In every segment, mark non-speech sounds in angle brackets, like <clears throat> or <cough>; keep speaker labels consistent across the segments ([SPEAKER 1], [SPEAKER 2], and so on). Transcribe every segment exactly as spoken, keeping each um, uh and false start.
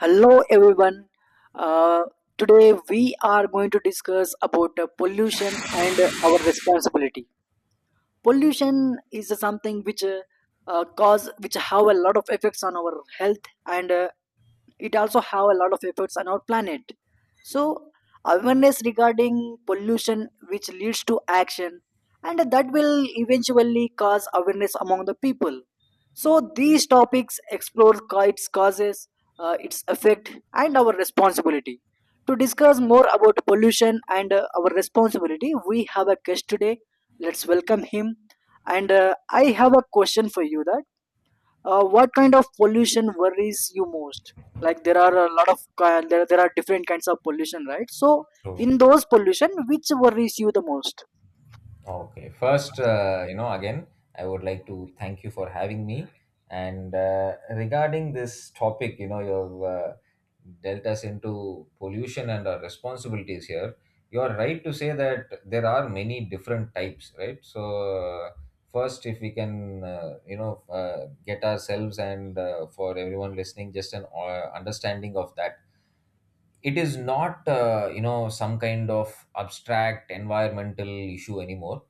[SPEAKER 1] Hello everyone. Uh, Today we are going to discuss about uh, pollution and uh, our responsibility. Pollution is something which uh, uh, cause which have a lot of effects on our health and uh, it also have a lot of effects on our planet, so awareness regarding pollution which leads to action, and that will eventually cause awareness among the people. So these topics explore ca- its causes, uh, its effect and our responsibility. To discuss more about pollution and uh, our responsibility, we have a guest today. Let's welcome him. And uh, I have a question for you that, uh, what kind of pollution worries you most? Like there are a lot of ki- there there are different kinds of pollution, right? So
[SPEAKER 2] True.
[SPEAKER 1] in those pollution, which worries you the most?
[SPEAKER 2] Okay. First, uh, you know, again, I would like to thank you for having me. And uh, regarding this topic, you know, you've uh, dealt us into pollution and our responsibilities here. You are right to say that there are many different types, right? So, uh, first, if we can, uh, you know, uh, get ourselves and uh, for everyone listening, just an uh, understanding of that. It is not, uh, you know, some kind of abstract environmental issue anymore.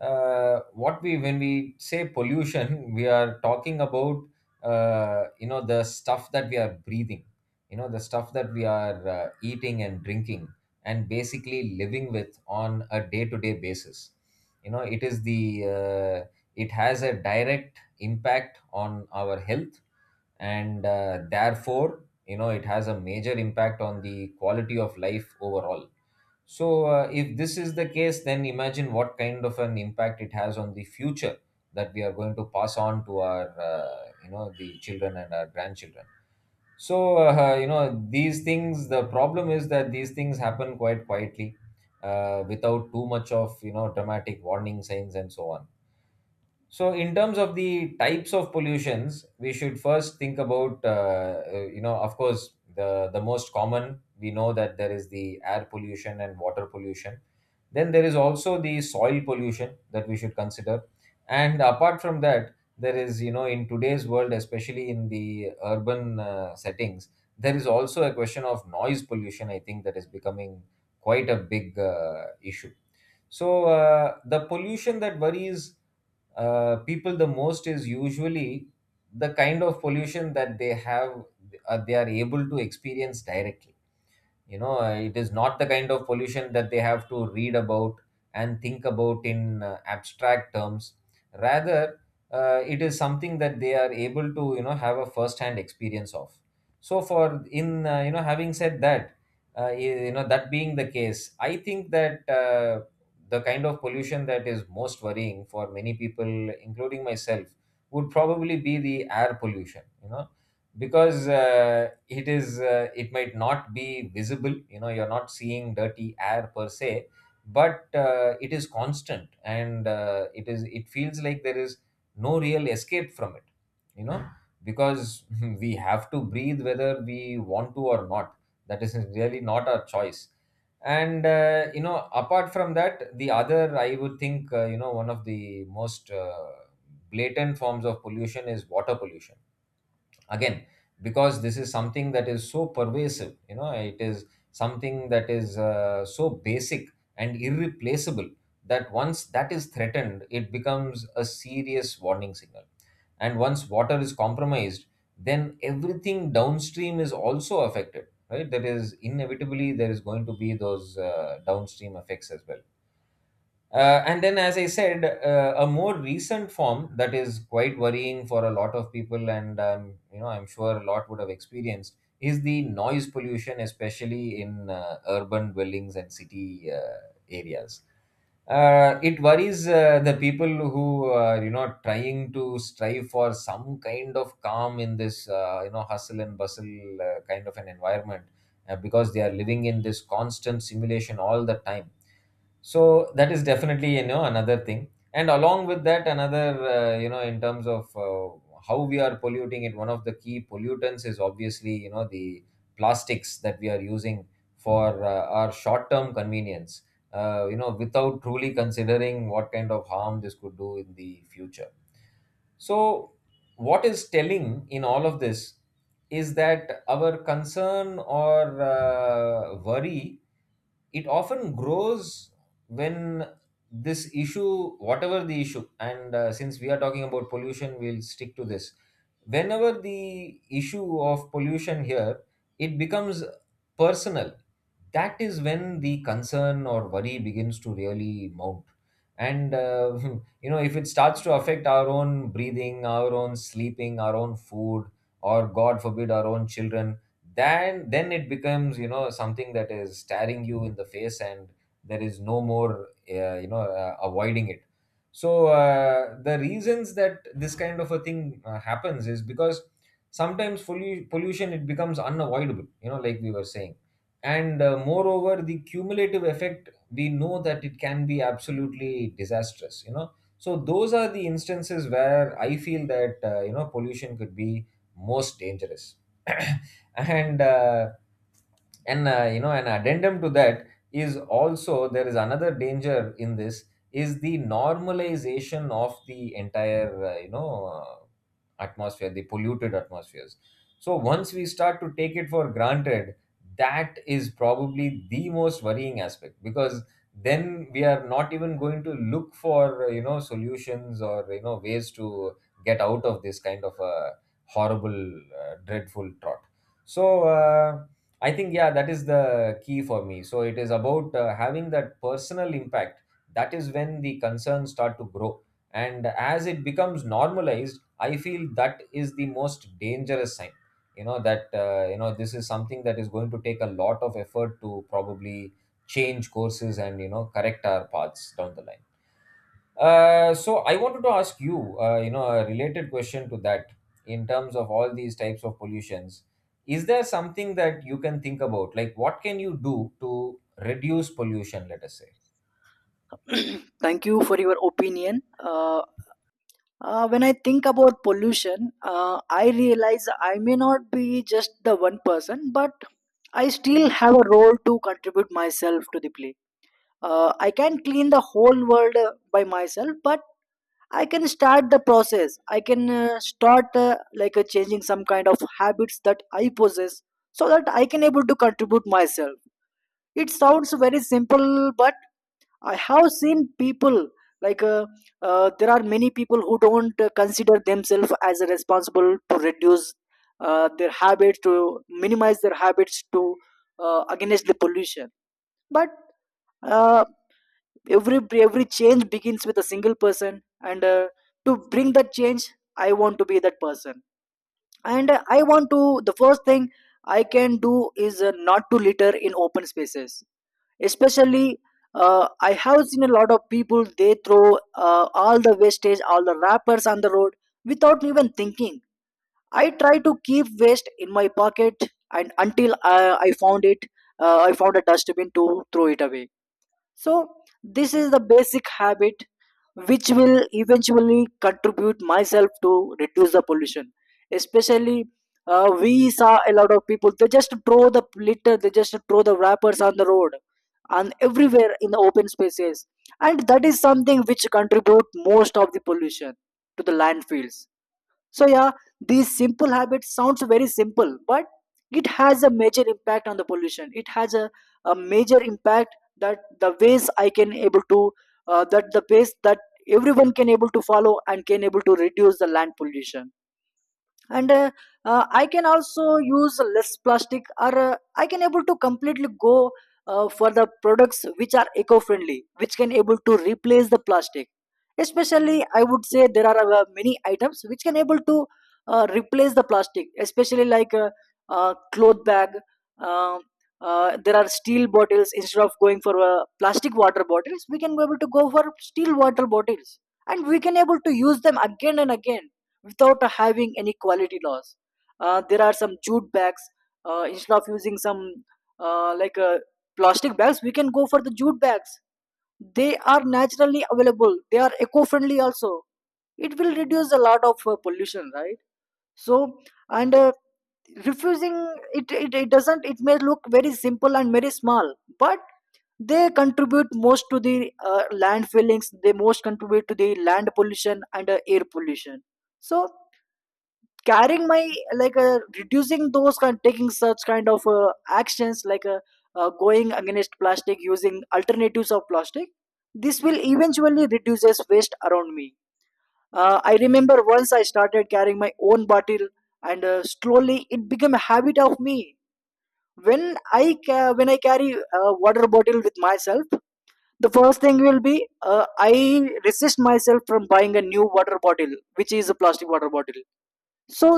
[SPEAKER 2] uh, what we when we say pollution, we are talking about uh, you know the stuff that we are breathing, you know the stuff that we are uh, eating and drinking and basically living with on a day to day basis. You know it is the uh, it has a direct impact on our health, and uh, therefore you know it has a major impact on the quality of life overall. So, uh, if this is the case, then imagine what kind of an impact it has on the future that we are going to pass on to our, uh, you know, the children and our grandchildren. So, uh, you know, these things, the problem is that these things happen quite quietly, uh, without too much of, you know, dramatic warning signs and so on. So, in terms of the types of pollutions, we should first think about, uh, uh, you know, of course, the, the most common. We know that there is the air pollution and water pollution. Then there is also the soil pollution that we should consider. And apart from that, there is, you know, in today's world, especially in the urban uh, settings, there is also a question of noise pollution, I think, that is becoming quite a big uh, issue. So, uh, the pollution that worries uh, people the most is usually the kind of pollution that they have uh, they are able to experience directly. you know uh, it is not the kind of pollution that they have to read about and think about in uh, abstract terms. Rather, uh, it is something that they are able to, you know have a first hand experience of. So for in uh, you know having said that uh, you know that being the case, I think that uh, the kind of pollution that is most worrying for many people, including myself, would probably be the air pollution. You know because uh, it is uh, it might not be visible. You know you're not seeing dirty air per se, but uh, it is constant, and uh, it is it feels like there is no real escape from it, you know, because <laughs> we have to breathe whether we want to or not. That is really not our choice. And uh, you know apart from that, the other, I would think, uh, you know one of the most uh, blatant forms of pollution is water pollution. Again, because this is something that is so pervasive. You know it is something that is uh, so basic and irreplaceable, that once that is threatened, it becomes a serious warning signal. And once water is compromised, then everything downstream is also affected, right? There is inevitably there is going to be those uh, downstream effects as well. Uh, and then, as I said, uh, a more recent form that is quite worrying for a lot of people, and um, you know, I'm sure a lot would have experienced, is the noise pollution, especially in uh, urban dwellings and city uh, areas. Uh, it worries uh, the people who are, you know, trying to strive for some kind of calm in this, uh, you know hustle and bustle uh, kind of an environment, uh, because they are living in this constant simulation all the time. So that is definitely, you know, another thing. And along with that, another, uh, you know in terms of uh, how we are polluting it, one of the key pollutants is obviously, you know, the plastics that we are using for uh, our short term convenience, uh, you know without truly considering what kind of harm this could do in the future. So, what is telling in all of this is that our concern or uh, worry, it often grows when this issue, whatever the issue, and uh, since we are talking about pollution, we'll stick to this, whenever the issue of pollution here, it becomes personal. That is when the concern or worry begins to really mount. And uh, <laughs> you know, if it starts to affect our own breathing, our own sleeping, our own food, or god forbid our own children, then then it becomes, you know, something that is staring you in the face, and there is no more, uh, you know uh, avoiding it. So uh, the reasons that this kind of a thing uh, happens is because sometimes fully pollution it becomes unavoidable, you know, like we were saying. And uh, moreover, the cumulative effect, we know that it can be absolutely disastrous, you know. So those are the instances where I feel that, uh, you know pollution could be most dangerous. <coughs> <clears throat> and uh, and uh, you know an addendum to that is, also there is another danger in this, is the normalization of the entire, uh, you know uh, atmosphere, the polluted atmospheres. So once we start to take it for granted, that is probably the most worrying aspect, because then we are not even going to look for, uh, you know solutions or, you know, ways to get out of this kind of a horrible uh, dreadful trot. So uh, I think, yeah, that is the key for me. So it is about uh, having that personal impact. That is when the concerns start to grow. And as it becomes normalized, I feel that is the most dangerous sign. You know, that, uh, you know, this is something that is going to take a lot of effort to probably change courses and, you know, correct our paths down the line. Uh, so I wanted to ask you, uh, you know, a related question to that, in terms of all these types of pollutions. Is there something that you can think about? Like, what can you do to reduce pollution, let us say?
[SPEAKER 1] <clears throat> Thank you for your opinion. Uh, uh, when I think about pollution, uh, I realize I may not be just the one person, but I still have a role to contribute myself to the play. Uh, I can clean the whole world uh, by myself, but I can start the process. I can uh, start uh, like uh, changing some kind of habits that I possess so that I can able to contribute myself. It sounds very simple, but I have seen people like uh, uh, there are many people who don't uh, consider themselves as responsible to reduce uh, their habits, to minimize their habits to uh, against the pollution. But uh, every every change begins with a single person, and uh, to bring that change, I want to be that person. And uh, I want to, the first thing I can do is uh, not to litter in open spaces, especially uh, I have seen a lot of people, they throw uh, all the wastage, all the wrappers on the road without even thinking. I try to keep waste in my pocket, and until i, I found it, uh, I found a dustbin to throw it away. So this is the basic habit which will eventually contribute myself to reduce the pollution. Especially, uh, we saw a lot of people, they just throw the litter, they just throw the wrappers on the road and everywhere in the open spaces, and that is something which contribute most of the pollution to the landfills. So yeah, these simple habits sounds very simple, but it has a major impact on the pollution. It has a, a major impact that the ways I can able to uh, that the ways that everyone can able to follow and can able to reduce the land pollution. And uh, uh, I can also use less plastic, or uh, I can able to completely go uh, for the products which are eco friendly, which can able to replace the plastic. Especially, I would say there are uh, many items which can able to uh, replace the plastic, especially like uh, uh, cloth bag. um uh, there are steel bottles. Instead of going for uh, plastic water bottles, we can be able to go for steel water bottles, and we can able to use them again and again without having any quality loss. Uh, there are some jute bags. Uh, instead of using some uh, like uh, plastic bags, we can go for the jute bags. They are naturally available. They are eco-friendly also. It will reduce a lot of uh, pollution, right? So and uh, refusing it, it it doesn't, it may look very simple and very small, but they contribute most to the uh, land fillings. They most contribute to the land pollution and uh, air pollution. So carrying my like uh, reducing those kind, taking such kind of uh, actions like uh, uh, going against plastic, using alternatives of plastic, this will eventually reduces waste around me. uh, I remember once I started carrying my own bottle, and uh, slowly it became a habit of me. When i ca- when I carry a water bottle with myself, the first thing will be, uh, I resist myself from buying a new water bottle, which is a plastic water bottle. So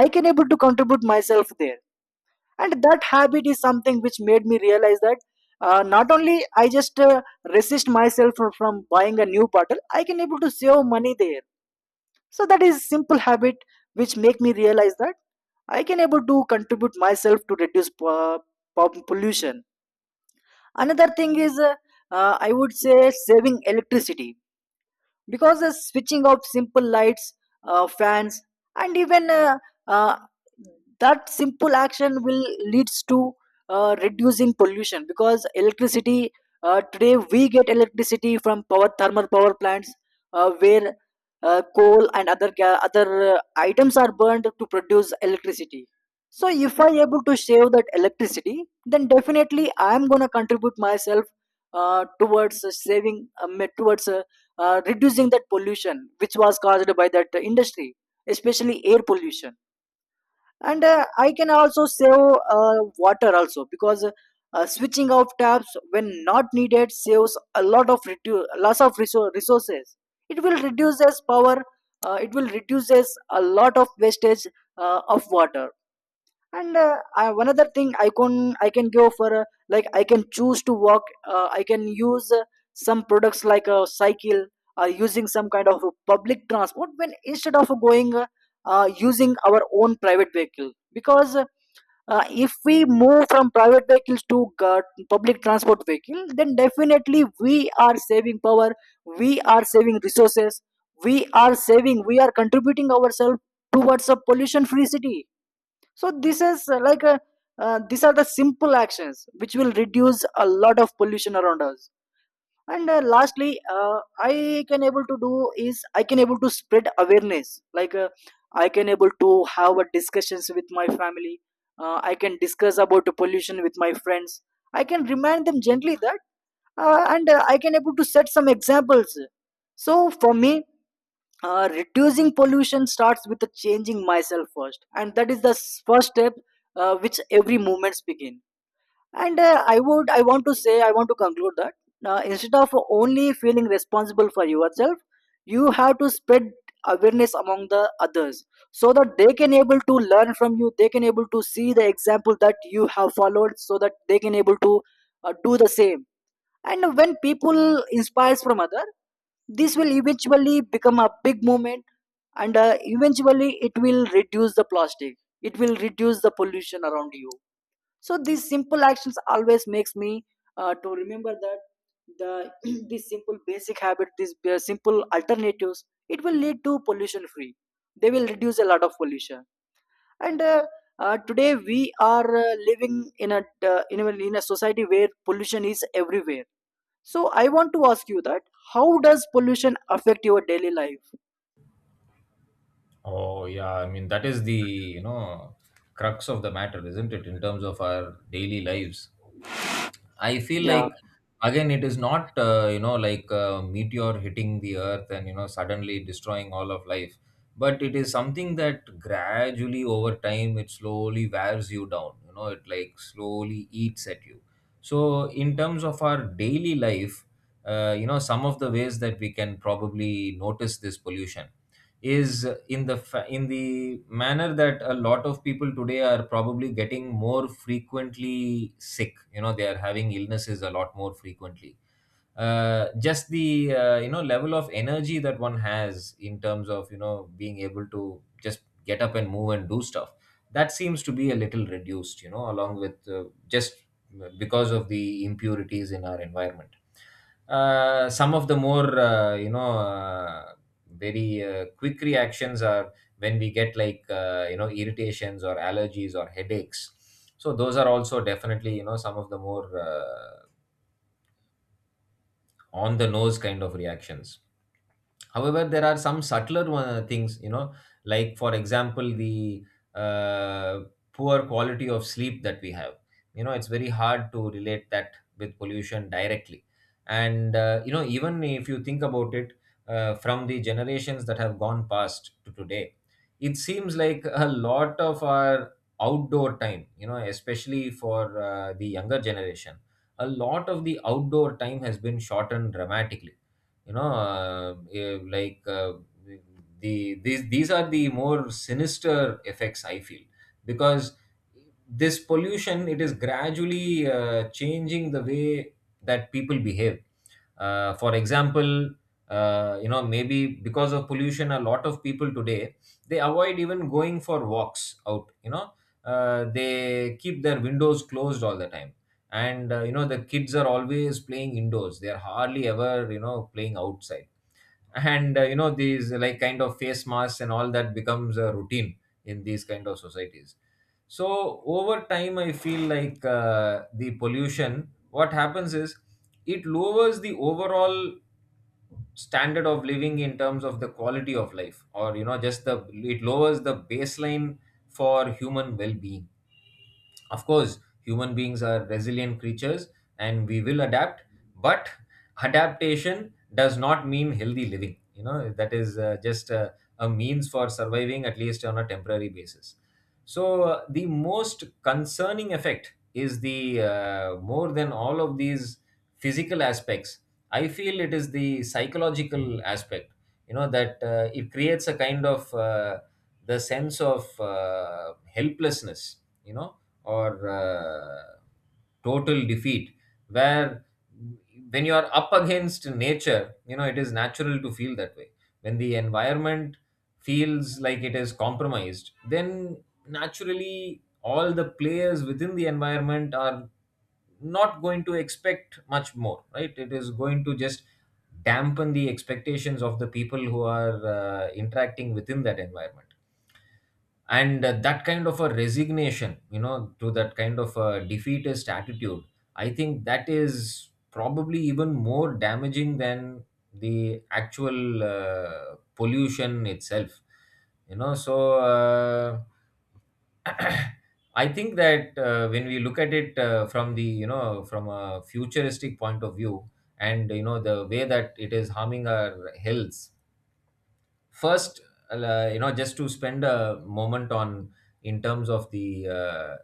[SPEAKER 1] I can able to contribute myself there, and that habit is something which made me realize that uh, not only I just uh, resist myself from from buying a new bottle, I can able to save money there. So that is simple habit which make me realize that I can able to contribute myself to reduce po- po- pollution. Another thing is uh, uh, I would say saving electricity, because the switching out simple lights, uh, fans, and even uh, uh, that simple action will leads to uh, reducing pollution, because electricity, uh, today we get electricity from power thermal power plants, uh, where uh, coal and other ga- other uh, items are burned to produce electricity. So if I able to save that electricity, then definitely I am going to contribute myself uh, towards uh, saving um, towards uh, uh, reducing that pollution which was caused by that uh, industry, especially air pollution. And uh, I can also save uh, water also, because uh, switching off taps when not needed saves a lot of redu- loss of resou- resources. It will reduces power, uh, it will reduces a lot of wastage uh, of water. And uh, I, one other thing I can, i can go for uh, like I can choose to walk, uh, I can use uh, some products like a cycle, or using some kind of a public transport when instead of going uh, uh, using our own private vehicle, because uh, if we move from private vehicles to uh, public transport vehicle, then definitely we are saving power, we are saving resources, we are saving, we are contributing ourselves towards a pollution free city. So this is uh, like a, uh, these are the simple actions which will reduce a lot of pollution around us. And uh, lastly, uh, I can able to do is I can able to spread awareness, like uh, I can able to have a discussions with my family, uh, I can discuss about the pollution with my friends, I can remind them gently that uh, and uh, I can able to set some examples. So for me, uh, reducing pollution starts with the changing myself first, and that is the s- first step uh, which every movements begin. And uh, i would I want to say, I want to conclude that uh, instead of only feeling responsible for yourself, you have to spread awareness among the others, so that they can able to learn from you, they can able to see the example that you have followed, so that they can able to uh, do the same. And when people inspires from other, this will eventually become a big movement, and uh, eventually it will reduce the plastic, it will reduce the pollution around you. So these simple actions always makes me uh, to remember that the <clears throat> these simple basic habit, these ba- simple alternatives, it will lead to pollution free, they will reduce a lot of pollution. And uh, uh, today we are uh, living in a uh, in a in a society where pollution is everywhere. So I want to ask you that how does pollution affect your daily life?
[SPEAKER 2] Oh yeah, I mean that is the, you know, crux of the matter, isn't it? In terms of our daily lives, I feel
[SPEAKER 1] Yeah.
[SPEAKER 2] like again it is not, uh, you know like a meteor hitting the earth and, you know, suddenly destroying all of life, but it is something that gradually over time it slowly wears you down. You know, it like slowly eats at you. So in terms of our daily life, uh, you know some of the ways that we can probably notice this pollution is in the fa- in the manner that a lot of people today are probably getting more frequently sick. You know, they are having illnesses a lot more frequently. Uh, just the, uh, you know level of energy that one has in terms of, you know, being able to just get up and move and do stuff, that seems to be a little reduced, you know, along with, uh, just because of the impurities in our environment. Uh, some of the more, uh, you know uh, very uh, quick reactions are when we get like, uh, you know irritations or allergies or headaches. So those are also definitely, you know, some of the more, uh, on the nose kind of reactions. However, there are some subtler one, things, you know, like for example the uh, poor quality of sleep that we have. You know, it's very hard to relate that with pollution directly. And uh, you know even if you think about it, uh, from the generations that have gone past to today, it seems like a lot of our outdoor time, you know, especially for uh, the younger generation, a lot of the outdoor time has been shortened dramatically. you know uh, eh, like uh, the these these are the more sinister effects I feel, because this pollution, it is gradually uh, changing the way that people behave. Uh, for example, uh, you know maybe because of pollution, a lot of people today they avoid even going for walks out, you know. Uh, they keep their windows closed all the time, and uh, you know the kids are always playing indoors. They are hardly ever, you know, playing outside. And uh, you know these like kind of face masks and all that becomes a routine in these kind of societies. So over time I feel like uh, the pollution, what happens is it lowers the overall standard of living in terms of the quality of life, or you know just the, it lowers the baseline for human well-being. Of course, human beings are resilient creatures and we will adapt, but adaptation does not mean healthy living. You know, that is uh, just uh, a means for surviving at least on a temporary basis. So, uh, the most concerning effect is the uh, more than all of these physical aspects. I feel it is the psychological aspect, you know, that uh, it creates a kind of uh, the sense of uh, helplessness, you know, or uh, total defeat. Where when you are up against nature, you know, it is natural to feel that way. When the environment feels like it is compromised, then naturally all the players within the environment are not going to expect much more, right? It is going to just dampen the expectations of the people who are uh, interacting within that environment. And uh, that kind of a resignation, you know, to that kind of a defeatist attitude, I think that is probably even more damaging than the actual uh, pollution itself, you know so uh, <clears throat> I think that uh, when we look at it, uh, from the, you know, from a futuristic point of view, and you know the way that it is harming our health first, uh, you know, just to spend a moment on, in terms of the uh,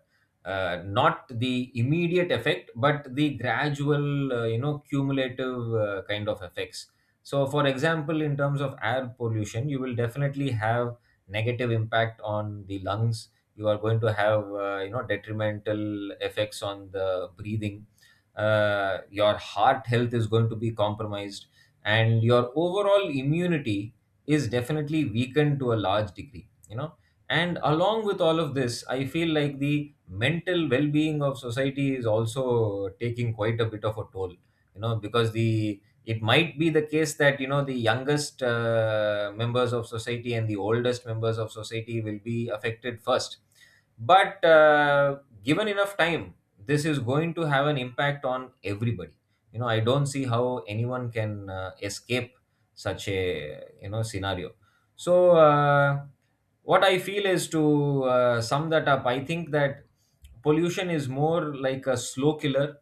[SPEAKER 2] uh, not the immediate effect but the gradual, uh, you know, cumulative uh, kind of effects. So for example, in terms of air pollution, you will definitely have negative impact on the lungs. You are going to have uh, you know, detrimental effects on the breathing. Uh, your heart health is going to be compromised, and your overall immunity is definitely weakened to a large degree, you know. And along with all of this, I feel like the mental well-being of society is also taking quite a bit of a toll, you know, because the it might be the case that, you know, the youngest uh, members of society and the oldest members of society will be affected first. But uh, given enough time, this is going to have an impact on everybody. You know, I don't see how anyone can uh, escape such a, you know, scenario. So uh, what I feel is, to uh, sum that up, I think that pollution is more like a slow killer.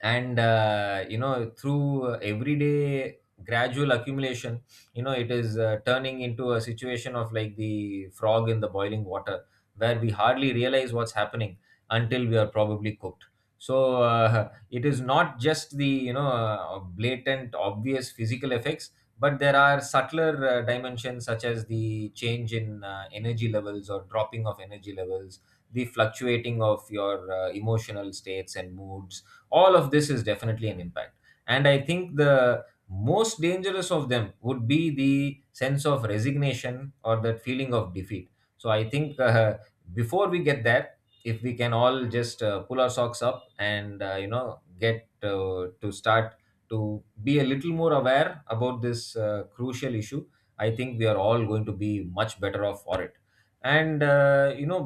[SPEAKER 2] And uh, you know through uh, everyday gradual accumulation, you know, it is uh, turning into a situation of like the frog in the boiling water, where we hardly realize what's happening until we are probably cooked. So uh, <laughs> it is not just the, you know, uh, blatant obvious physical effects, but there are subtler uh, dimensions, such as the change in uh, energy levels, or dropping of energy levels, the fluctuating of your uh, emotional states and moods. All of this is definitely an impact. And I think the most dangerous of them would be the sense of resignation, or that feeling of defeat. So I think <laughs> uh, before we get there, if we can all just uh, pull our socks up and, uh, you know, get uh, to start to be a little more aware about this uh, crucial issue, I think we are all going to be much better off for it. And uh, you know,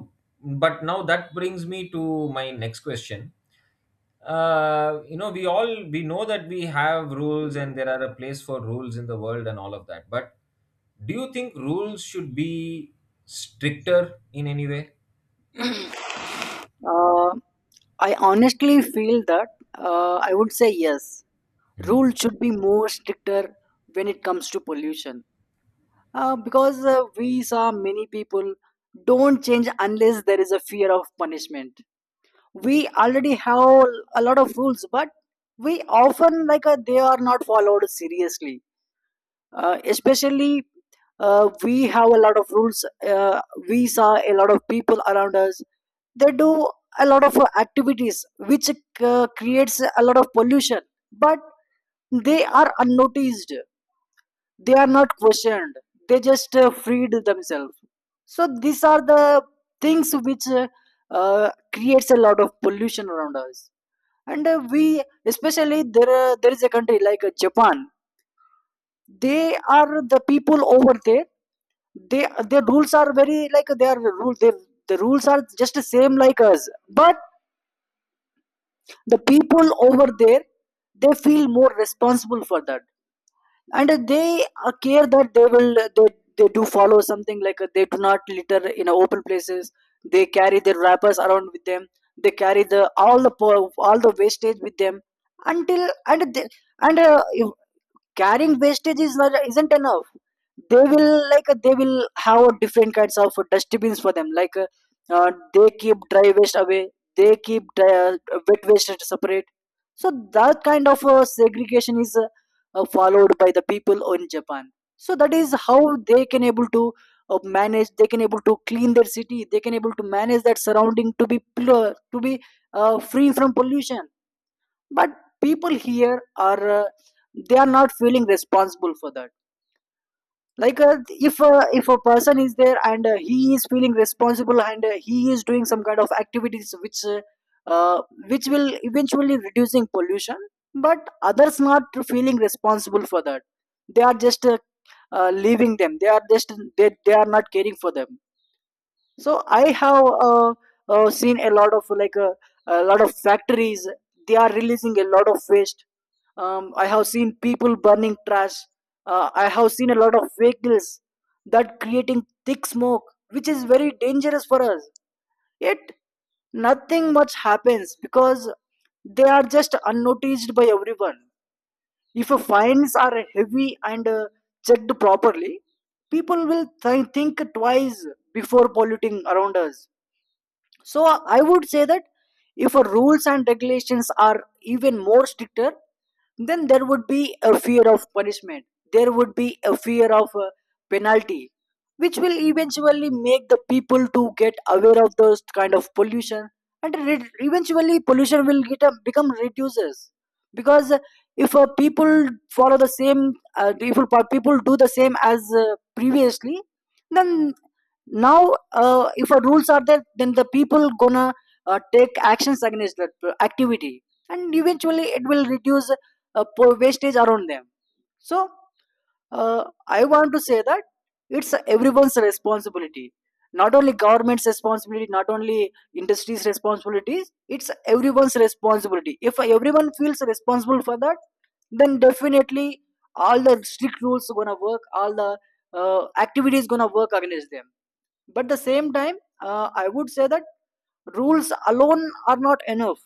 [SPEAKER 2] but now that brings me to my next question. Uh, you know, we all we know that we have rules, and there are a place for rules in the world and all of that. But do you think rules should be stricter in any way?
[SPEAKER 1] Uh, I honestly feel that, uh, I would say yes. Rules should be more stricter when it comes to pollution. Uh, because uh, we saw many people don't change unless there is a fear of punishment. We already have a lot of rules, but we often like uh, they are not followed seriously. Uh, especially uh, we have a lot of rules, uh, we saw a lot of people around us, they do a lot of uh, activities which uh, creates a lot of pollution, but they are unnoticed, they are not questioned, they just uh, freed themselves. So these are the things which uh, uh, creates a lot of pollution around us. And uh, we especially there uh, There is a country like uh, Japan. They are the people over there, they their rules are very like their rule they, the rules are just the same like us, but the people over there, they feel more responsible for that. And they uh, care that they will they, they do follow something like, uh, they do not litter in open places. They carry their wrappers around with them. They carry the all the po- all the wastage with them. Until and they, and uh, Carrying wastage is not isn't enough. They will like uh, they will have a different kinds of dustbins for them. Like uh, uh, they keep dry waste away, they keep dry, uh, wet waste separate. So that kind of uh, segregation is uh, uh, followed by the people in Japan. So that is how they can able to uh, manage they can able to clean their city, they can able to manage that surrounding to be pure, to be uh, free from pollution. But people here are uh, they are not feeling responsible for that. Like uh, if uh, if a person is there and uh, he is feeling responsible, and uh, he is doing some kind of activities which uh, uh, which will eventually reducing pollution, but others not feeling responsible for that. They are just uh, uh, leaving them. They are just they, they are not caring for them. So I have uh, uh, seen a lot of, like uh, a lot of factories, they are releasing a lot of waste. um, I have seen people burning trash. uh, I have seen a lot of vehicles that creating thick smoke, which is very dangerous for us. Yet nothing much happens because they are just unnoticed by everyone. If uh, fines are heavy and uh, checked properly, people will th- think twice before polluting around us. So I would say that if a rules and regulations are even more stricter, then there would be a fear of punishment. There would be a fear of uh, penalty, which will eventually make the people to get aware of those kind of pollution, and re- eventually pollution will get a, become reduces, because uh, if uh, people follow the same, uh, if people people do the same as uh, previously, then now uh, if a rules are there, then the people gonna uh, take actions against that uh, activity, and eventually it will reduce uh, po- wastage around them. So uh, I want to say that it's everyone's responsibility, not only government's responsibility, not only industry's responsibilities, it's everyone's responsibility. If everyone feels responsible for that, then definitely all the strict rules gonna work, all the uh, activities gonna work against them. But at the same time, uh, I would say that rules alone are not enough.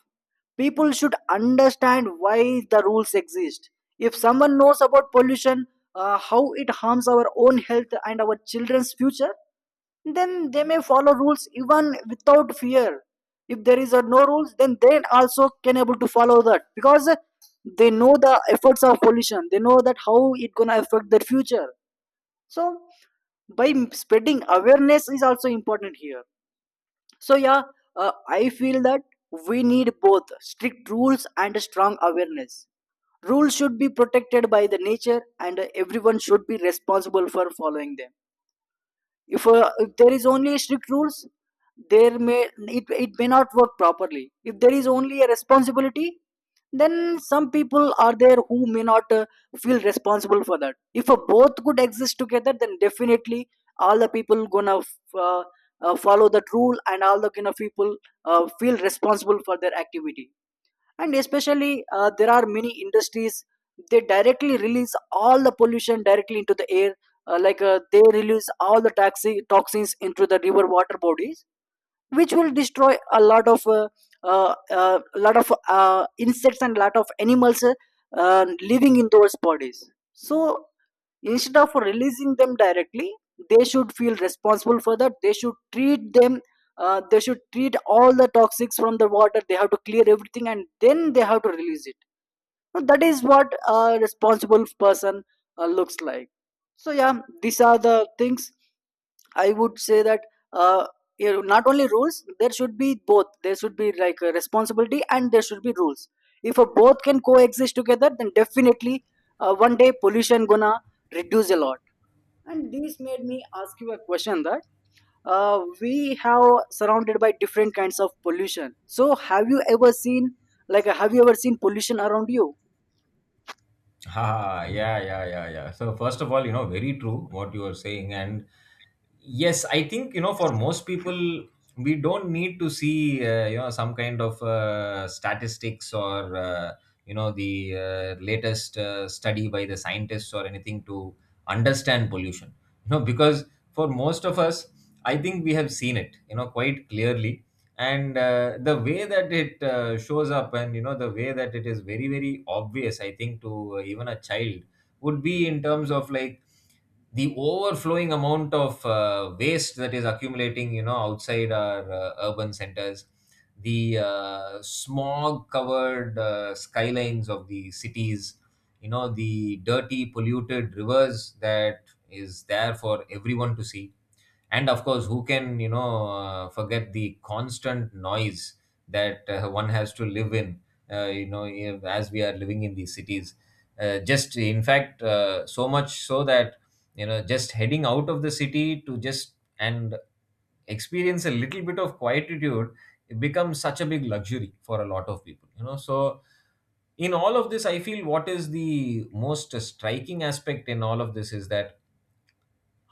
[SPEAKER 1] People should understand why the rules exist. If someone knows about pollution, uh, how it harms our own health and our children's future, then they may follow rules even without fear. If there is a no rules, then they also can able to follow that, because uh, they know the efforts of pollution, they know that how it gonna affect their future. So by spreading awareness is also important here. So yeah, uh, I feel that we need both strict rules and strong awareness. Rules should be protected by the nature, and uh, everyone should be responsible for following them. If, uh, if there is only strict rules, there may it, it may not work properly. If there is only a responsibility, then some people are there who may not uh, feel responsible for that. If uh, both could exist together, then definitely all the people gonna f- uh, uh, follow that rule, and all the kind of people uh, feel responsible for their activity. And especially uh, there are many industries, they directly release all the pollution directly into the air. Uh, like uh, they release all the taxi toxins into the river water bodies, which will destroy a lot of uh, uh, uh, lot of uh, insects and lot of animals uh, uh, living in those bodies. So instead of releasing them directly, they should feel responsible for that. They should treat them, uh, they should treat all the toxics from the water. They have to clear everything, and then they have to release it. Now, that is what a responsible person uh, looks like. So yeah, these are the things I would say that, uh, you know, not only rules, there should be both. There should be like a responsibility, and there should be rules. If a both can coexist together, then definitely uh, one day pollution gonna reduce a lot. And this made me ask you a question that uh, we have surrounded by different kinds of pollution. So have you ever seen, like have you ever seen pollution around you?
[SPEAKER 2] Ah, yeah, yeah, yeah, yeah. So first of all, you know, very true what you are saying, and yes, I think, you know, for most people, we don't need to see, uh, you know, some kind of uh, statistics or uh, you know, the uh, latest uh, study by the scientists or anything to understand pollution. You know, because for most of us, I think we have seen it, you know, quite clearly. And uh, the way that it uh, shows up, and you know the way that it is very very obvious, I think, to uh, even a child, would be in terms of like the overflowing amount of uh, waste that is accumulating, you know, outside our uh, urban centers, the uh, smog covered uh, skylines of the cities, you know, the dirty polluted rivers that is there for everyone to see. And of course, who can, you know, uh, forget the constant noise that uh, one has to live in, uh, you know, if- as we are living in these cities, uh, just in fact uh, so much so that, you know, just heading out of the city to just and experience a little bit of quietude, it becomes such a big luxury for a lot of people, you know. So in all of this, I feel what is the most striking aspect in all of this is that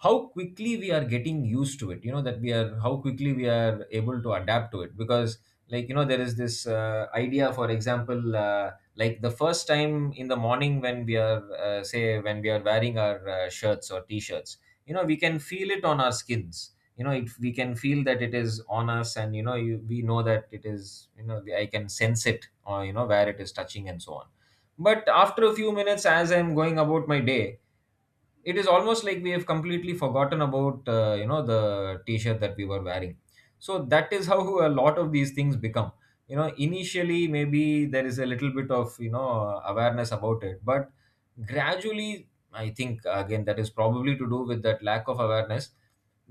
[SPEAKER 2] how quickly we are getting used to it, you know, that we are how quickly we are able to adapt to it. Because, like, you know, there is this uh, idea, for example, uh, like the first time in the morning when we are, uh, say when we are wearing our uh, shirts or t-shirts, you know, we can feel it on our skins. You know, it, we can feel that it is on us, and you know you, we know that it is, you know, I can sense it, or you know where it is touching, and so on. But after a few minutes, as I'm going about my day, it is almost like we have completely forgotten about, uh, you know, the t-shirt that we were wearing. So that is <laughs> how a lot of these things become, you know, initially maybe there is a little bit of, you know, awareness about it, but gradually, I think, again, that is probably to do with that lack of awareness.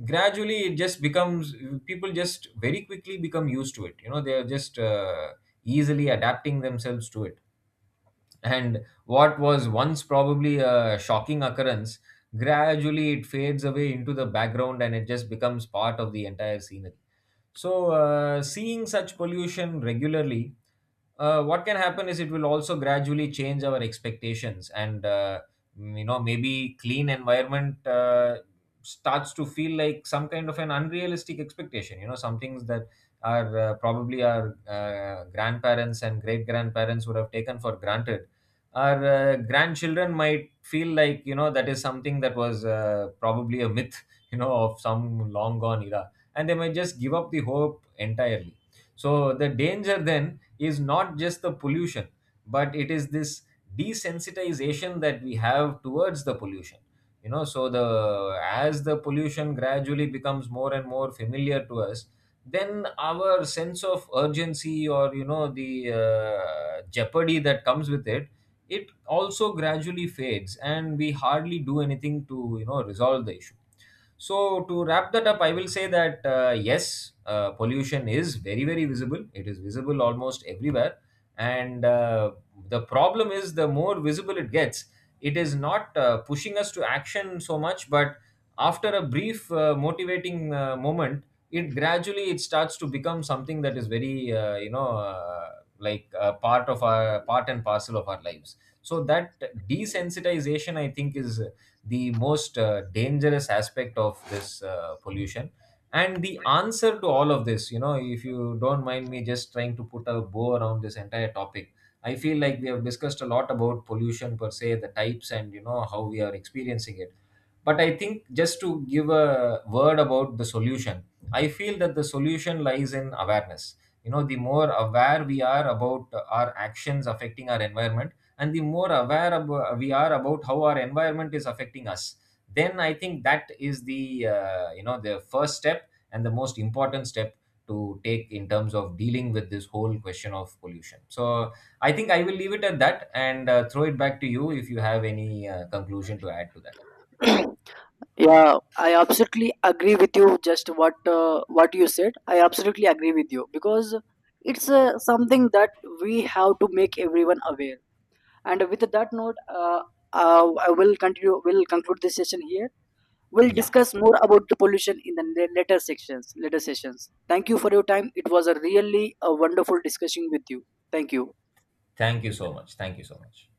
[SPEAKER 2] Gradually it just becomes, people just very quickly become used to it, you know, they are just uh, easily adapting themselves to it. And what was once probably a shocking occurrence, gradually it fades away into the background, and it just becomes part of the entire scenery. So uh, seeing such pollution regularly, uh, what can happen is it will also gradually change our expectations. And uh, mm, you know, maybe clean environment uh, starts to feel like some kind of an unrealistic expectation, you know, some things that are uh, probably our uh, grandparents and great grandparents would have taken for granted. Our uh, grandchildren might feel like, you know, that is something that was uh, probably a myth <laughs> you know, of some long gone era, and they might just give up the hope entirely. So the danger then is not just the pollution, but it is this desensitization that we have towards the pollution. You know, so the as the pollution gradually becomes more and more familiar to us, then our sense of urgency, or you know the uh, jeopardy that comes with it, it also gradually fades, and we hardly do anything to, you know, resolve the issue. So to wrap that up, I will say that, uh, yes, uh, pollution is very very visible, it is visible almost everywhere. And uh, the problem is, the more visible it gets, it is not uh, pushing us to action so much. But after a brief uh, motivating uh, moment, it gradually it starts to become something that is very, uh, you know, uh, like uh, part of our part and parcel of our lives. So that desensitization, I think, is the most uh, dangerous aspect of this uh, pollution. And the answer to all of this, you know, if you don't mind me just trying to put a bow around this entire topic, I feel like we have discussed a lot about pollution per se, the types and you know how we are experiencing it, but I think just to give a word about the solution, I feel that the solution lies in awareness. You know, the more aware we are about our actions affecting our environment, and the more aware ab- we are about how our environment is affecting us, then I think that is the, uh, you know, the first step and the most important step to take in terms of dealing with this whole question of pollution. So I think I will leave it at that, and uh, throw it back to you if you have any uh, conclusion to add to that.
[SPEAKER 1] <clears throat> Yeah, I absolutely agree with you. Just what uh, what you said, I absolutely agree with you, because it's uh, something that we have to make everyone aware. And with that note, uh, uh, I will continue. Will conclude this session here. We'll
[SPEAKER 2] Yeah.
[SPEAKER 1] discuss more about the pollution in the la- later sections. Later sessions. Thank you for your time. It was a really a wonderful discussion with you. Thank you.
[SPEAKER 2] Thank you so much. Thank you so much.